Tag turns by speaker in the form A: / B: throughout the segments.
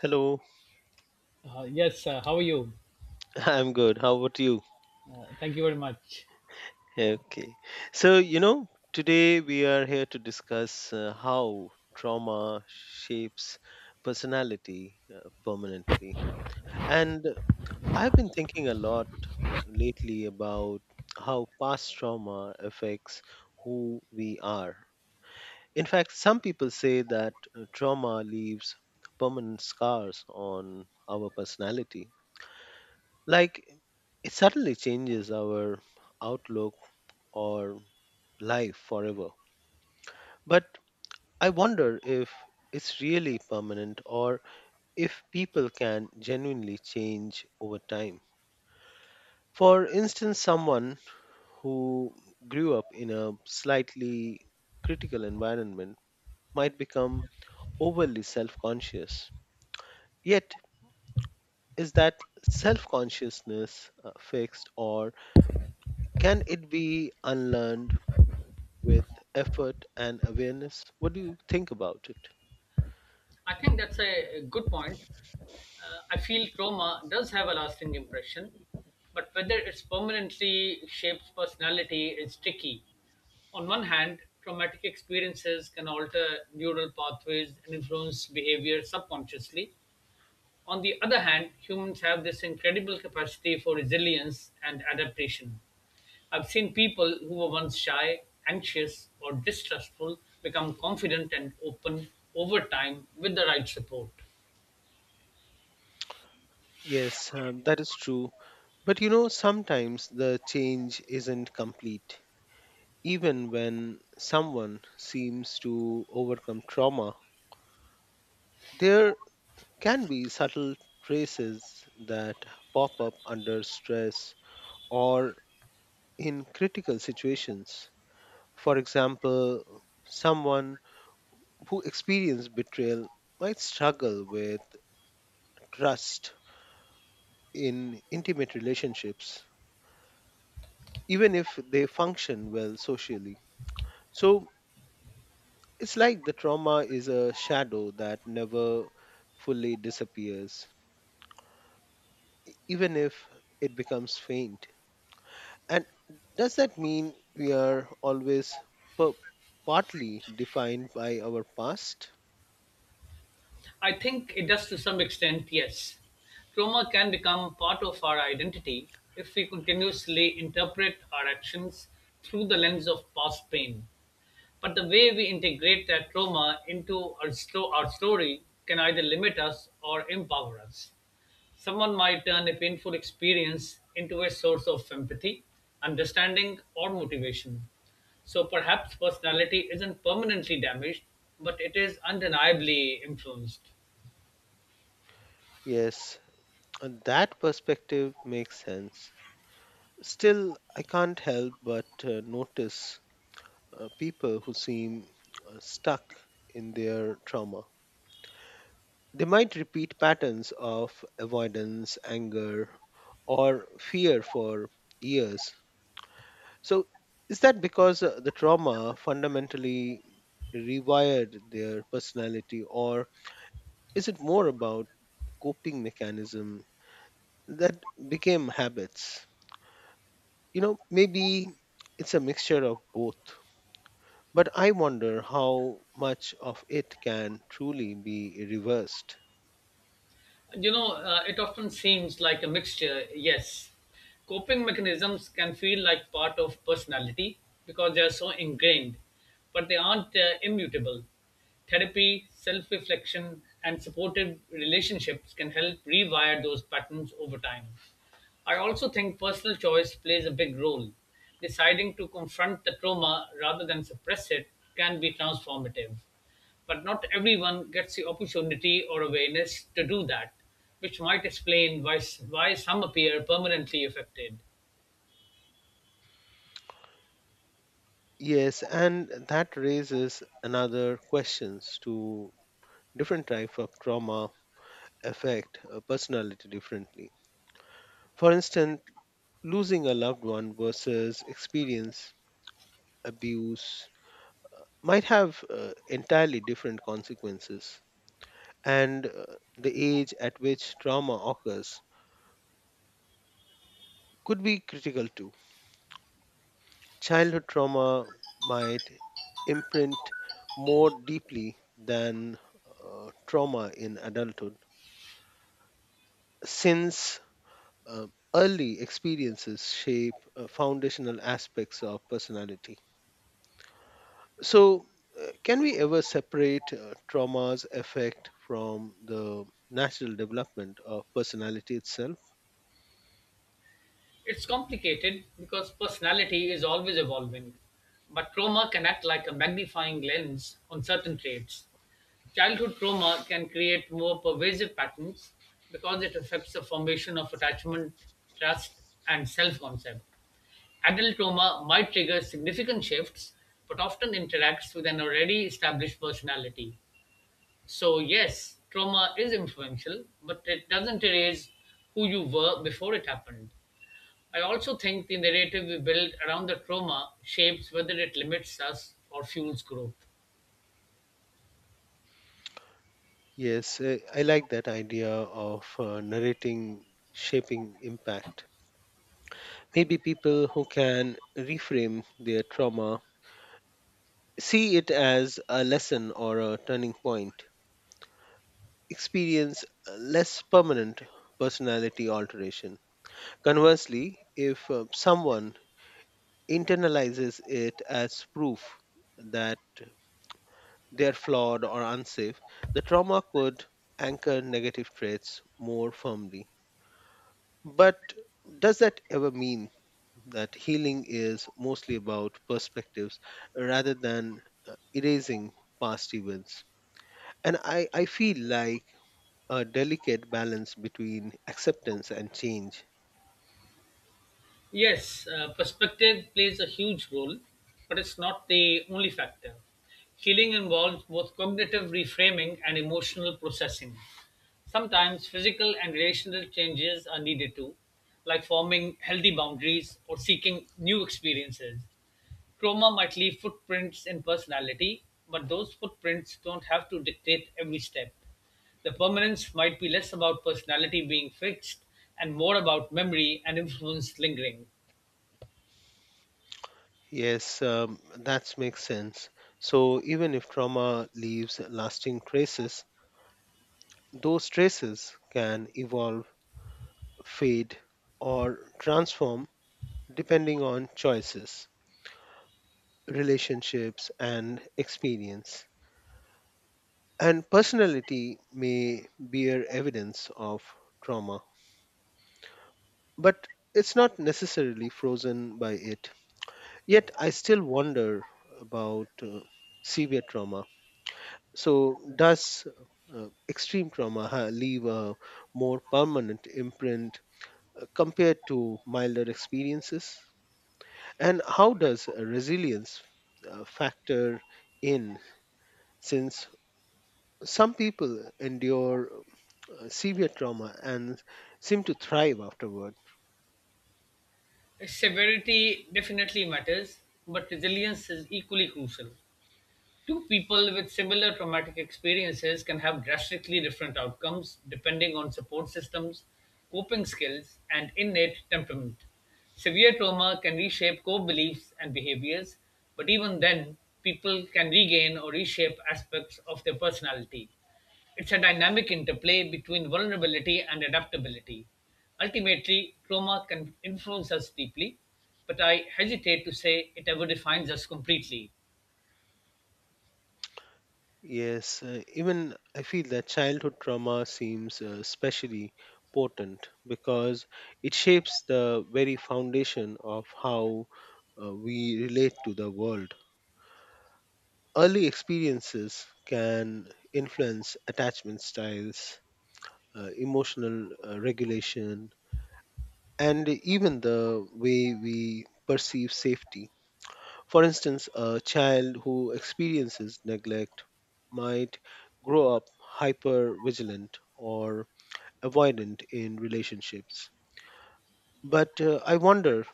A: Hello.
B: Yes, how are you?
A: I'm good. How about you?
B: Thank you very much.
A: Okay. So, today we are here to discuss how trauma shapes personality permanently. And I've been thinking a lot lately about how past trauma affects who we are. In fact, some people say that trauma leaves permanent scars on our personality. Like, it suddenly changes our outlook or life forever. But I wonder if it's really permanent, or if people can genuinely change over time. For instance, someone who grew up in a slightly critical environment might become overly self conscious. Yet, is that self consciousness fixed, or can it be unlearned with effort and awareness? What do you think about it?
B: I think that's a good point. I feel trauma does have a lasting impression, but whether it's permanently shapes personality is tricky. On one hand, traumatic experiences can alter neural pathways and influence behavior subconsciously. On the other hand, humans have this incredible capacity for resilience and adaptation. I've seen people who were once shy, anxious, or distrustful become confident and open over time with the right support.
A: Yes, that is true. But you know, sometimes the change isn't complete. Even when someone seems to overcome trauma, there can be subtle traces that pop up under stress or in critical situations. For example, someone who experienced betrayal might struggle with trust in intimate relationships, even if they function well socially. So it's like the trauma is a shadow that never fully disappears, even if it becomes faint. And does that mean we are always per- partly defined by our past?
B: I think it does to some extent, yes. Trauma can become part of our identity if we continuously interpret our actions through the lens of past pain. But the way we integrate that trauma into our story can either limit us or empower us. Someone might turn a painful experience into a source of empathy, understanding, or motivation. So perhaps personality isn't permanently damaged, but it is undeniably influenced.
A: Yes, and that perspective makes sense. Still, I can't help but notice people who seem stuck in their trauma. They might repeat patterns of avoidance, anger, or fear for years. So, is that because the trauma fundamentally rewired their personality, or is it more about coping mechanism that became habits? You know, maybe it's a mixture of both. But I wonder how much of it can truly be reversed.
B: It often seems like a mixture, yes. Coping mechanisms can feel like part of personality because they are so ingrained, but they aren't immutable. Therapy, self reflection, and supportive relationships can help rewire those patterns over time. I also think personal choice plays a big role. Deciding to confront the trauma rather than suppress it can be transformative. But not everyone gets the opportunity or awareness to do that, which might explain why some appear permanently affected.
A: Yes, and that raises another questions to different type of trauma affect a personality differently. For instance, losing a loved one versus experience abuse might have entirely different consequences, and the age at which trauma occurs could be critical too. Childhood trauma might imprint more deeply than trauma in adulthood, since uh, early experiences shape foundational aspects of personality. So, can we ever separate trauma's effect from the natural development of personality itself?
B: It's complicated because personality is always evolving, but trauma can act like a magnifying lens on certain traits. Childhood trauma can create more pervasive patterns because it affects the formation of attachment, trust, and self concept. Adult trauma might trigger significant shifts, but often interacts with an already established personality. So, yes, trauma is influential, but it doesn't erase who you were before it happened. I also think the narrative we build around the trauma shapes whether it limits us or fuels growth.
A: Yes, I like that idea of narrating shaping impact. Maybe people who can reframe their trauma, see it as a lesson or a turning point, experience less permanent personality alteration. Conversely, if someone internalizes it as proof that they're flawed or unsafe, the trauma could anchor negative traits more firmly. But does that ever mean that healing is mostly about perspectives rather than erasing past events? And I feel like a delicate balance between acceptance and change.
B: Yes, perspective plays a huge role, but it's not the only factor. Healing involves both cognitive reframing and emotional processing. Sometimes physical and relational changes are needed too, like forming healthy boundaries or seeking new experiences. Trauma might leave footprints in personality, but those footprints don't have to dictate every step. The permanence might be less about personality being fixed and more about memory and influence lingering.
A: Yes, that makes sense. So even if trauma leaves lasting traces, those traces can evolve, fade, or transform depending on choices, relationships, and experience. And personality may bear evidence of trauma, but it's not necessarily frozen by it. Yet I still wonder about severe trauma. So, does extreme trauma leave a more permanent imprint compared to milder experiences? And how does resilience factor in, since some people endure severe trauma and seem to thrive afterward?
B: Severity definitely matters, but resilience is equally crucial. Two people with similar traumatic experiences can have drastically different outcomes depending on support systems, coping skills, and innate temperament. Severe trauma can reshape core beliefs and behaviors, but even then, people can regain or reshape aspects of their personality. It's a dynamic interplay between vulnerability and adaptability. Ultimately, trauma can influence us deeply, but I hesitate to say it ever defines us completely.
A: Yes, even I feel that childhood trauma seems especially potent, because it shapes the very foundation of how we relate to the world. Early experiences can influence attachment styles, emotional regulation, and even the way we perceive safety. For instance, a child who experiences neglect might grow up hyper vigilant or avoidant in relationships. But I wonder,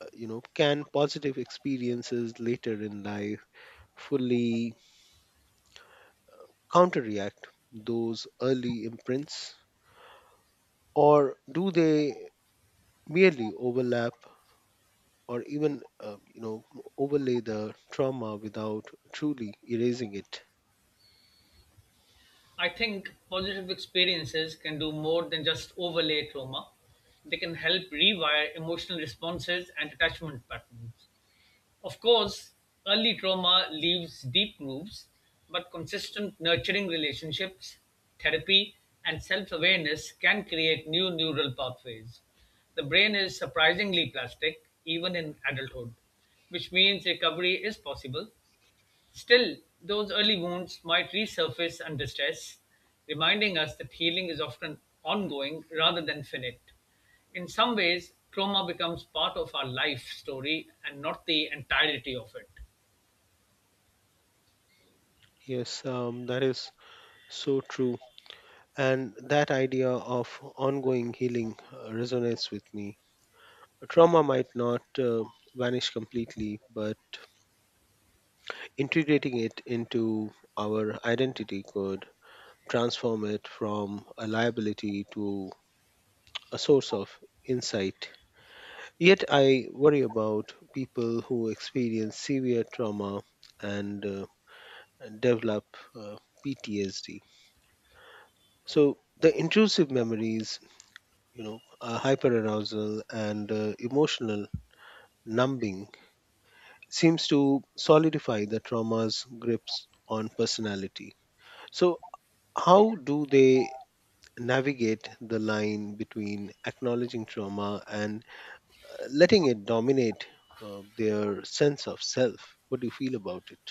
A: can positive experiences later in life fully counteract those early imprints? Or do they merely overlap, or even, overlay the trauma without truly erasing it?
B: I think positive experiences can do more than just overlay trauma. They can help rewire emotional responses and attachment patterns. Of course, early trauma leaves deep grooves, but consistent nurturing relationships, therapy, and self awareness can create new neural pathways. The brain is surprisingly plastic, even in adulthood, which means recovery is possible. Still, those early wounds might resurface under stress, reminding us that healing is often ongoing rather than finite. In some ways, trauma becomes part of our life story and not the entirety of it.
A: Yes, that is so true. And that idea of ongoing healing resonates with me. Trauma might not vanish completely, but integrating it into our identity could transform it from a liability to a source of insight. Yet I worry about people who experience severe trauma and develop uh, PTSD. So the intrusive memories, hyperarousal and emotional numbing seems to solidify the trauma's grips on personality. So, how do they navigate the line between acknowledging trauma and letting it dominate their sense of self? What do you feel about it?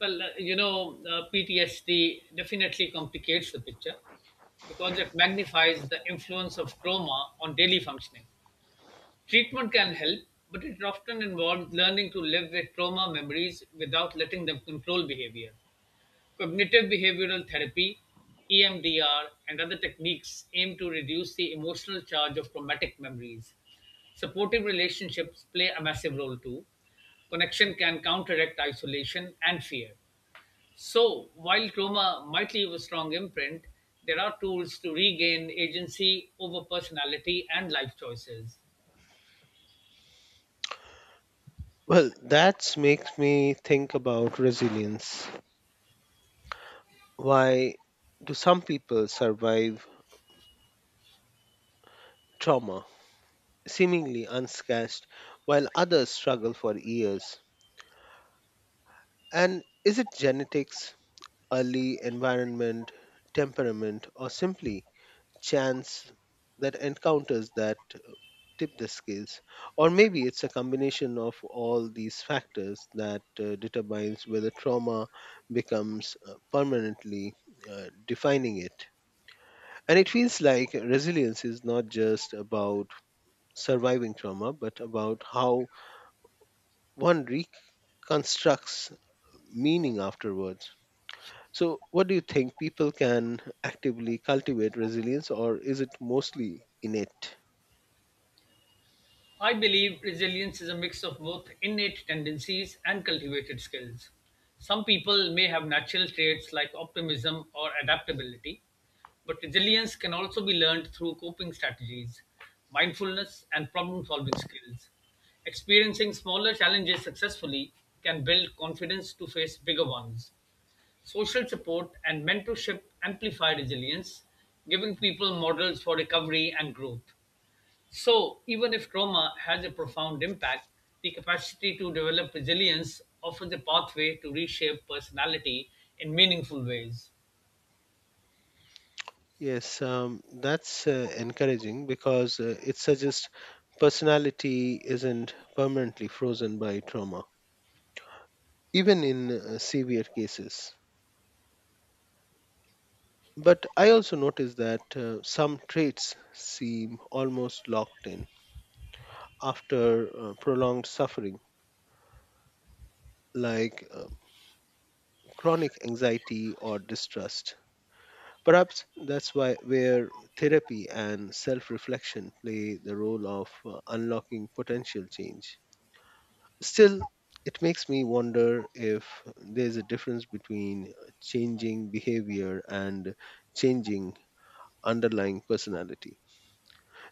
B: PTSD definitely complicates the picture because it magnifies the influence of trauma on daily functioning. Treatment can help, but it often involves learning to live with trauma memories without letting them control behavior. Cognitive behavioral therapy (EMDR) and other techniques aim to reduce the emotional charge of traumatic memories. Supportive relationships play a massive role too. Connection can counteract isolation and fear. So, while trauma might leave a strong imprint, there are tools to regain agency over personality and life choices.
A: Well, that makes me think about resilience. Why do some people survive trauma seemingly unscathed while others struggle for years? And is it genetics, early environment, temperament, or simply chance that encounters that tip the scales? Or maybe it's a combination of all these factors that determines whether trauma becomes permanently defining it. And it feels like resilience is not just about surviving trauma, but about how one reconstructs meaning afterwards. So, what do you think? People can actively cultivate resilience, or is it mostly innate?
B: I believe resilience is a mix of both innate tendencies and cultivated skills. Some people may have natural traits like optimism or adaptability, but resilience can also be learned through coping strategies, mindfulness, and problem solving skills. Experiencing smaller challenges successfully can build confidence to face bigger ones. Social support and mentorship amplify resilience, giving people models for recovery and growth. So, even if trauma has a profound impact, the capacity to develop resilience offers a pathway to reshape personality in meaningful ways.
A: Yes, that's encouraging, because it suggests personality isn't permanently frozen by trauma, even in severe cases. But I also notice that some traits seem almost locked in after prolonged suffering, like chronic anxiety or distrust. Perhaps that's why where therapy and self-reflection play the role of unlocking potential change. Still, it makes me wonder if there's a difference between changing behavior and changing underlying personality.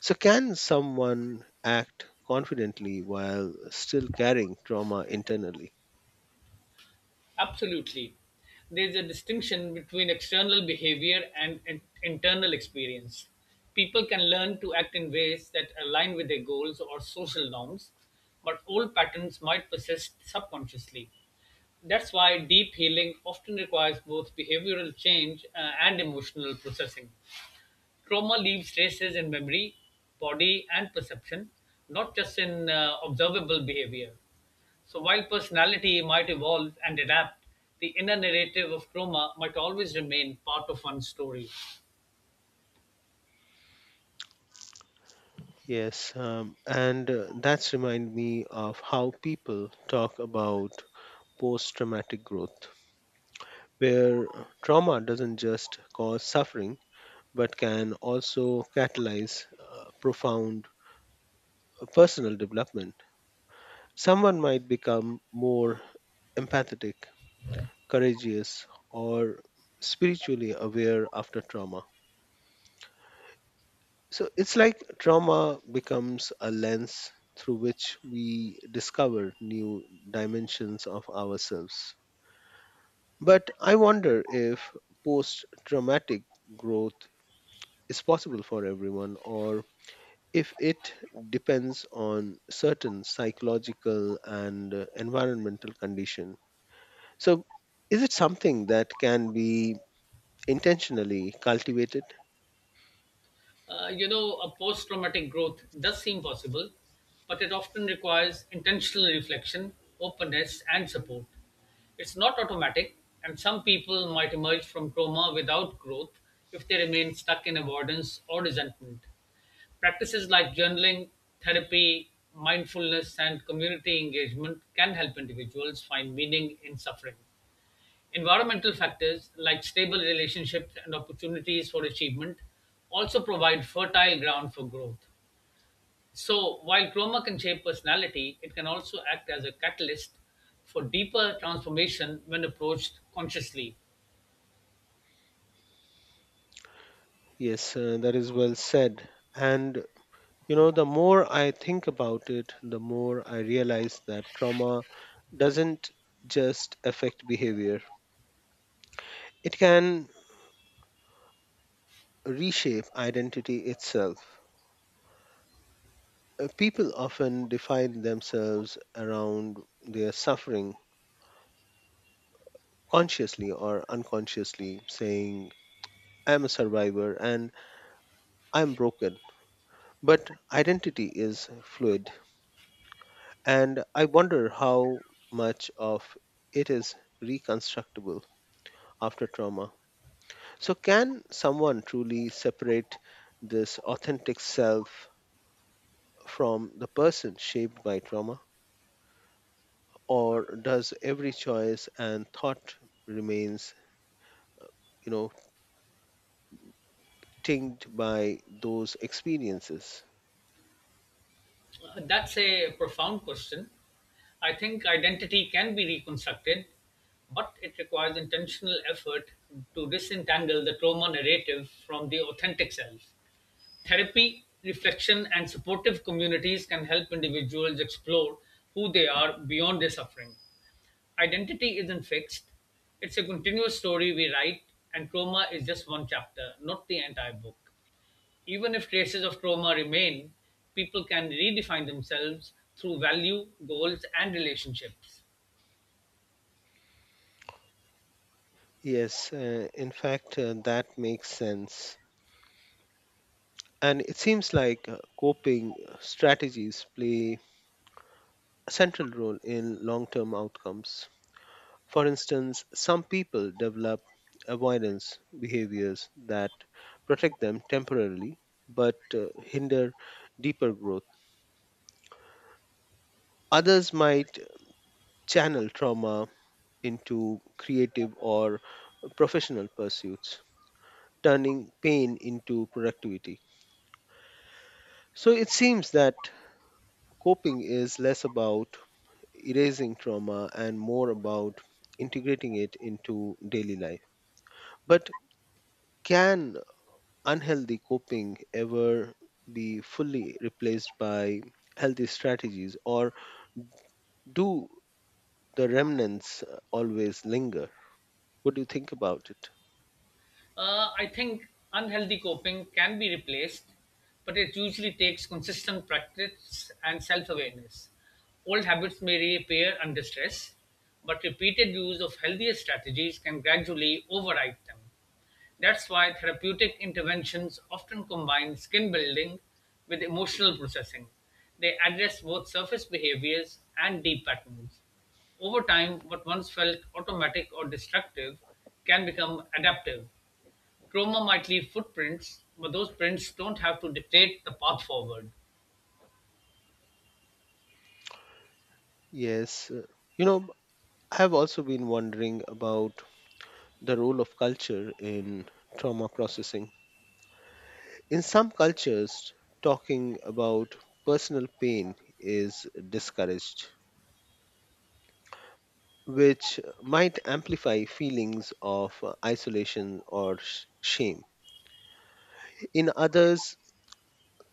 A: So can someone act confidently while still carrying trauma internally?
B: Absolutely. There's a distinction between external behavior and internal experience. People can learn to act in ways that align with their goals or social norms, but old patterns might persist subconsciously. That's why deep healing often requires both behavioral change and emotional processing. Trauma leaves traces in memory, body, and perception, not just in observable behavior. So while personality might evolve and adapt, the inner narrative of trauma might always remain part of one's story.
A: Yes, and that's remind me of how people talk about post-traumatic growth, where trauma doesn't just cause suffering but can also catalyze profound personal development. Someone might become more empathetic, courageous, or spiritually aware after trauma. So it's like trauma becomes a lens through which we discover new dimensions of ourselves. But I wonder if post traumatic growth is possible for everyone, or if it depends on certain psychological and environmental condition. So, is it something that can be intentionally cultivated?
B: A post traumatic growth does seem possible, but it often requires intentional reflection, openness, and support. It's not automatic, and some people might emerge from trauma without growth if they remain stuck in avoidance or resentment. Practices like journaling, therapy, mindfulness, and community engagement can help individuals find meaning in suffering. Environmental factors like stable relationships and opportunities for achievement also provide fertile ground for growth. So, while trauma can shape personality, it can also act as a catalyst for deeper transformation when approached consciously.
A: Yes, that is well said. And you know, the more I think about it, the more I realize that trauma doesn't just affect behavior, it can reshape identity itself. People often define themselves around their suffering, consciously or unconsciously saying, I'm a survivor and I'm broken. But identity is fluid, and I wonder how much of it is reconstructible after trauma. So, can someone truly separate this authentic self from the person shaped by trauma? Or does every choice and thought remains, you know, tinged by those experiences?
B: That's a profound question. I think identity can be reconstructed, but it requires intentional effort to disentangle the trauma narrative from the authentic self. Therapy, reflection, and supportive communities can help individuals explore who they are beyond their suffering. Identity isn't fixed, it's a continuous story we write, and trauma is just one chapter, not the entire book. Even if traces of trauma remain, people can redefine themselves through value, goals, and relationships.
A: Yes, in fact, that makes sense. And it seems like coping strategies play a central role in long term outcomes. For instance, some people develop avoidance behaviors that protect them temporarily but hinder deeper growth. Others might channel trauma into creative or professional pursuits, turning pain into productivity. So it seems that coping is less about erasing trauma and more about integrating it into daily life. But can unhealthy coping ever be fully replaced by healthy strategies, or do the remnants always linger? What do you think about it?
B: I think unhealthy coping can be replaced, but it usually takes consistent practice and self awareness. Old habits may reappear under stress, but repeated use of healthier strategies can gradually override them. That's why therapeutic interventions often combine skin building with emotional processing. They address both surface behaviors and deep patterns. Over time, what once felt automatic or destructive can become adaptive. Trauma might leave footprints, but those prints don't have to dictate the path forward.
A: Yes, you know, I have also been wondering about the role of culture in trauma processing. In some cultures, talking about personal pain is discouraged, which might amplify feelings of isolation or shame. In others,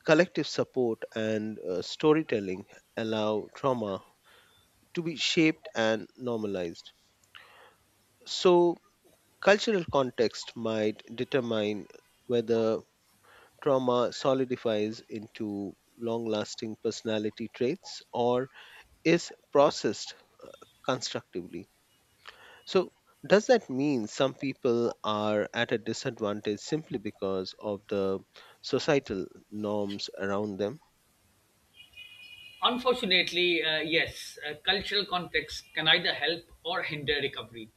A: collective support and storytelling allow trauma to be shaped and normalized. So, cultural context might determine whether trauma solidifies into long lasting personality traits or is processed constructively. So, does that mean some people are at a disadvantage simply because of the societal norms around them?
B: Unfortunately, yes, cultural context can either help or hinder recovery.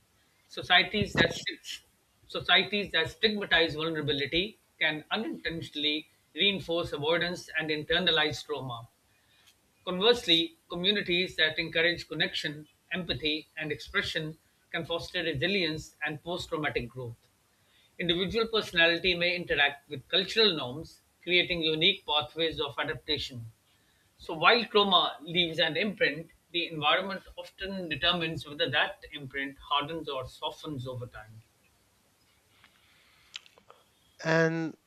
B: Societies that sti- Societies that stigmatize vulnerability can unintentionally reinforce avoidance and internalize trauma. Conversely, communities that encourage connection, empathy, and expression can foster resilience and post traumatic growth. Individual personality may interact with cultural norms, creating unique pathways of adaptation. So, while trauma leaves an imprint, the environment often determines whether that imprint hardens or softens over time.
A: And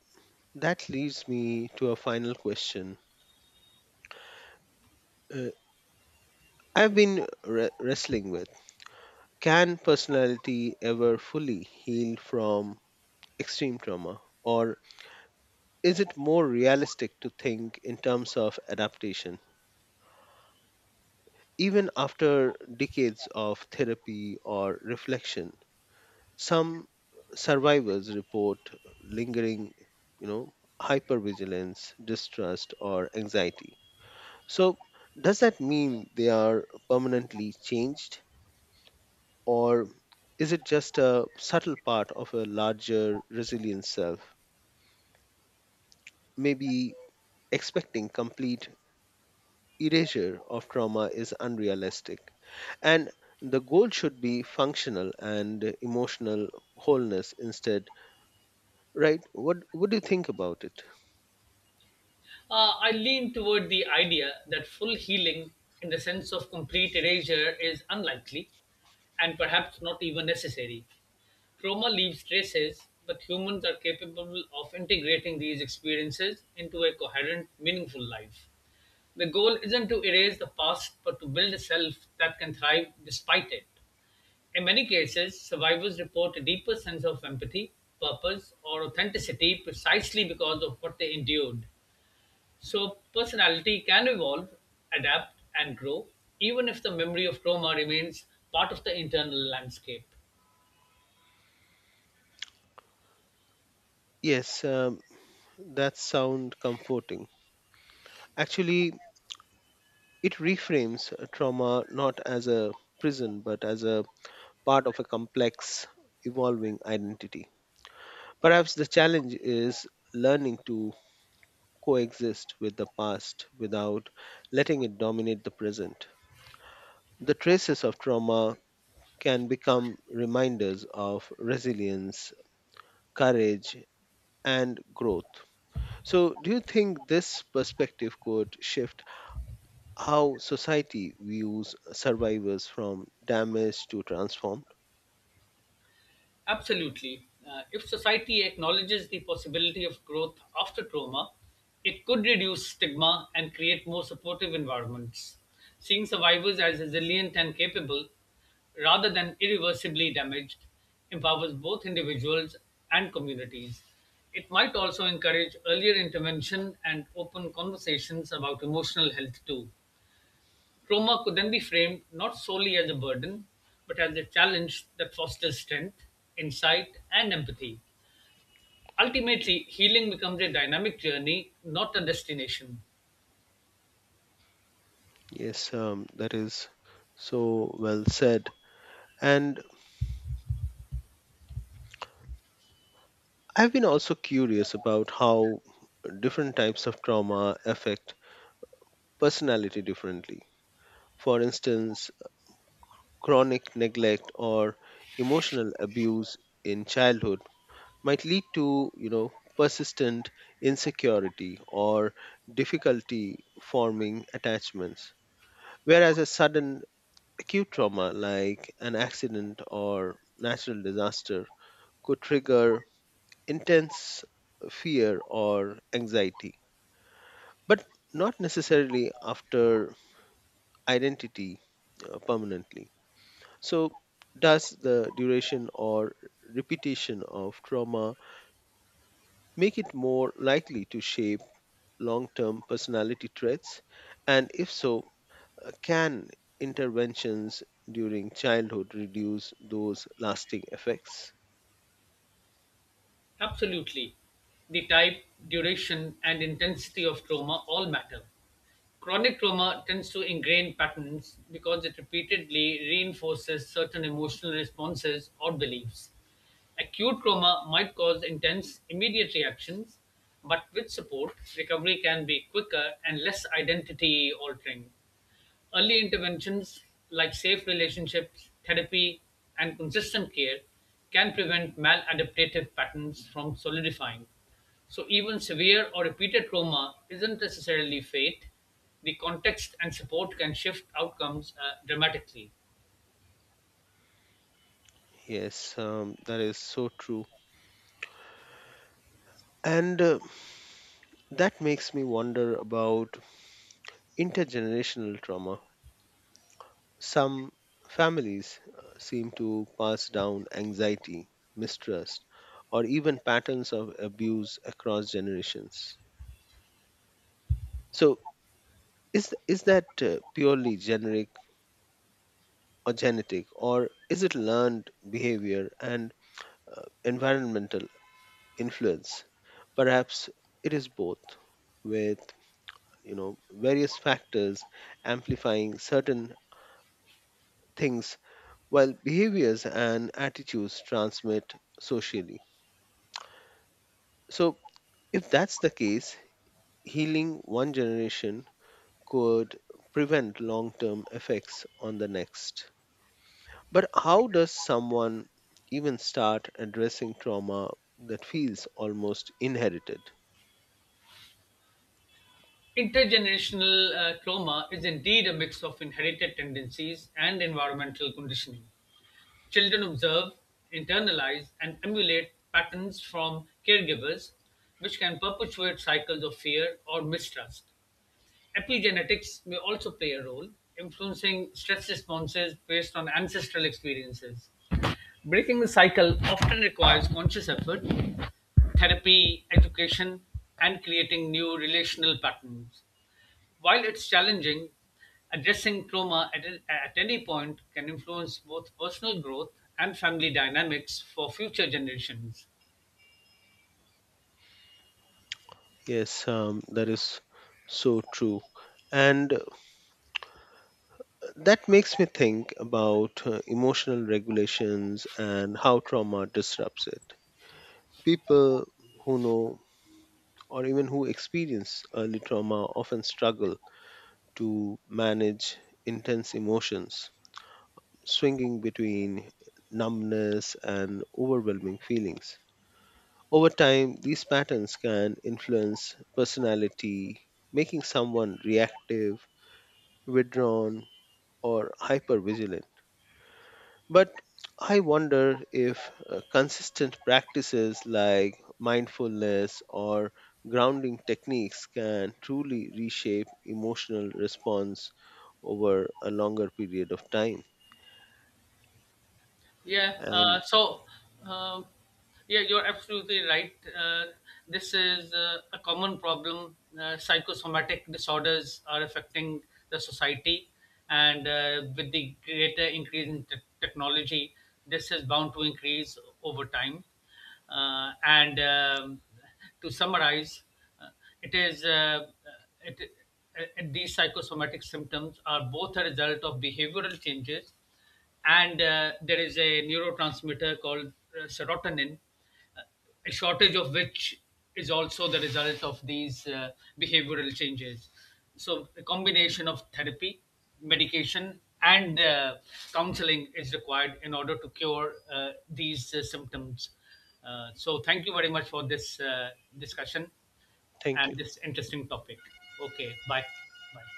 A: that leads me to a final question. Uh, I've been wrestling with, can personality ever fully heal from extreme trauma? Or is it more realistic to think in terms of adaptation? Even after decades of therapy or reflection, some survivors report lingering, you know, hypervigilance, distrust, or anxiety. So, does that mean they are permanently changed, or is it just a subtle part of a larger resilient self? Maybe expecting complete erasure of trauma is unrealistic, and the goal should be functional and emotional wholeness instead, right? What do you think about it?
B: I lean toward the idea that full healing, in the sense of complete erasure, is unlikely and perhaps not even necessary. Trauma leaves traces, but humans are capable of integrating these experiences into a coherent, meaningful life. The goal isn't to erase the past, but to build a self that can thrive despite it. In many cases, survivors report a deeper sense of empathy, purpose, or authenticity precisely because of what they endured. So, personality can evolve, adapt, and grow, even if the memory of trauma remains part of the internal landscape.
A: Yes, that sounds comforting. Actually, it reframes trauma not as a prison but as a part of a complex, evolving identity. Perhaps the challenge is learning to coexist with the past without letting it dominate the present. The traces of trauma can become reminders of resilience, courage, and growth. So, do you think this perspective could shift how society views survivors, from damaged to transformed?
B: Absolutely. If society acknowledges the possibility of growth after trauma, it could reduce stigma and create more supportive environments, seeing survivors as resilient and capable rather than irreversibly damaged empowers both individuals and communities. It might also encourage earlier intervention and open conversations about emotional health too. Trauma could then be framed not solely as a burden, but as a challenge that fosters strength, insight, and empathy. Ultimately, healing becomes a dynamic journey, not a destination.
A: Yes, that is so well said. And I've been also curious about how different types of trauma affect personality differently. For instance, chronic neglect or emotional abuse in childhood might lead to, you know, persistent insecurity or difficulty forming attachments, whereas a sudden acute trauma like an accident or natural disaster could trigger intense fear or anxiety, but not necessarily after identity permanently. So, does the duration or repetition of trauma make it more likely to shape long term personality traits? And if so, can interventions during childhood reduce those lasting effects?
B: Absolutely. The type, duration, and intensity of trauma all matter. Chronic trauma tends to ingrain patterns because it repeatedly reinforces certain emotional responses or beliefs. Acute trauma might cause intense, immediate reactions, but with support, recovery can be quicker and less identity altering. Early interventions like safe relationships, therapy, and consistent care can prevent maladaptive patterns from solidifying. So, even severe or repeated trauma isn't necessarily fate. The context and support can shift outcomes dramatically.
A: Yes, that is so true. And that makes me wonder about intergenerational trauma. Some families seem to pass down anxiety, mistrust, or even patterns of abuse across generations. So, is that purely generic or genetic, or is it learned behavior and environmental influence? Perhaps it is both, with, you know, various factors amplifying certain things while behaviors and attitudes transmit socially. So if that's the case, healing one generation could prevent long term effects on the next. But how does someone even start addressing trauma that feels almost inherited?
B: Intergenerational trauma is indeed a mix of inherited tendencies and environmental conditioning. Children observe, internalize, and emulate patterns from caregivers, which can perpetuate cycles of fear or mistrust. Epigenetics may also play a role, influencing stress responses based on ancestral experiences. Breaking the cycle often requires conscious effort, therapy, education, and creating new relational patterns. While it's challenging, addressing trauma at any point can influence both personal growth and family dynamics for future generations.
A: Yes, that is so true. And that makes me think about emotional regulations and how trauma disrupts it. People who know or even who experience early trauma often struggle to manage intense emotions, swinging between numbness and overwhelming feelings. Over time, these patterns can influence personality, making someone reactive, withdrawn, or hypervigilant. But I wonder if consistent practices like mindfulness or grounding techniques can truly reshape emotional response over a longer period of time.
B: Yeah.
A: And
B: Uh, yeah, you're absolutely right. This is a common problem. Psychosomatic disorders are affecting the society, and with the greater increase in technology, this is bound to increase over time. And To summarize, uh, it is uh, uh, it, these psychosomatic symptoms are both a result of behavioral changes and there is a neurotransmitter called serotonin, uh, a shortage of which is also the result of these behavioral changes. So, a combination of therapy, medication, and counseling is required in order to cure these symptoms. So, thank you very much for this discussion
A: thank
B: and
A: you.
B: this interesting topic. Okay, bye. Bye.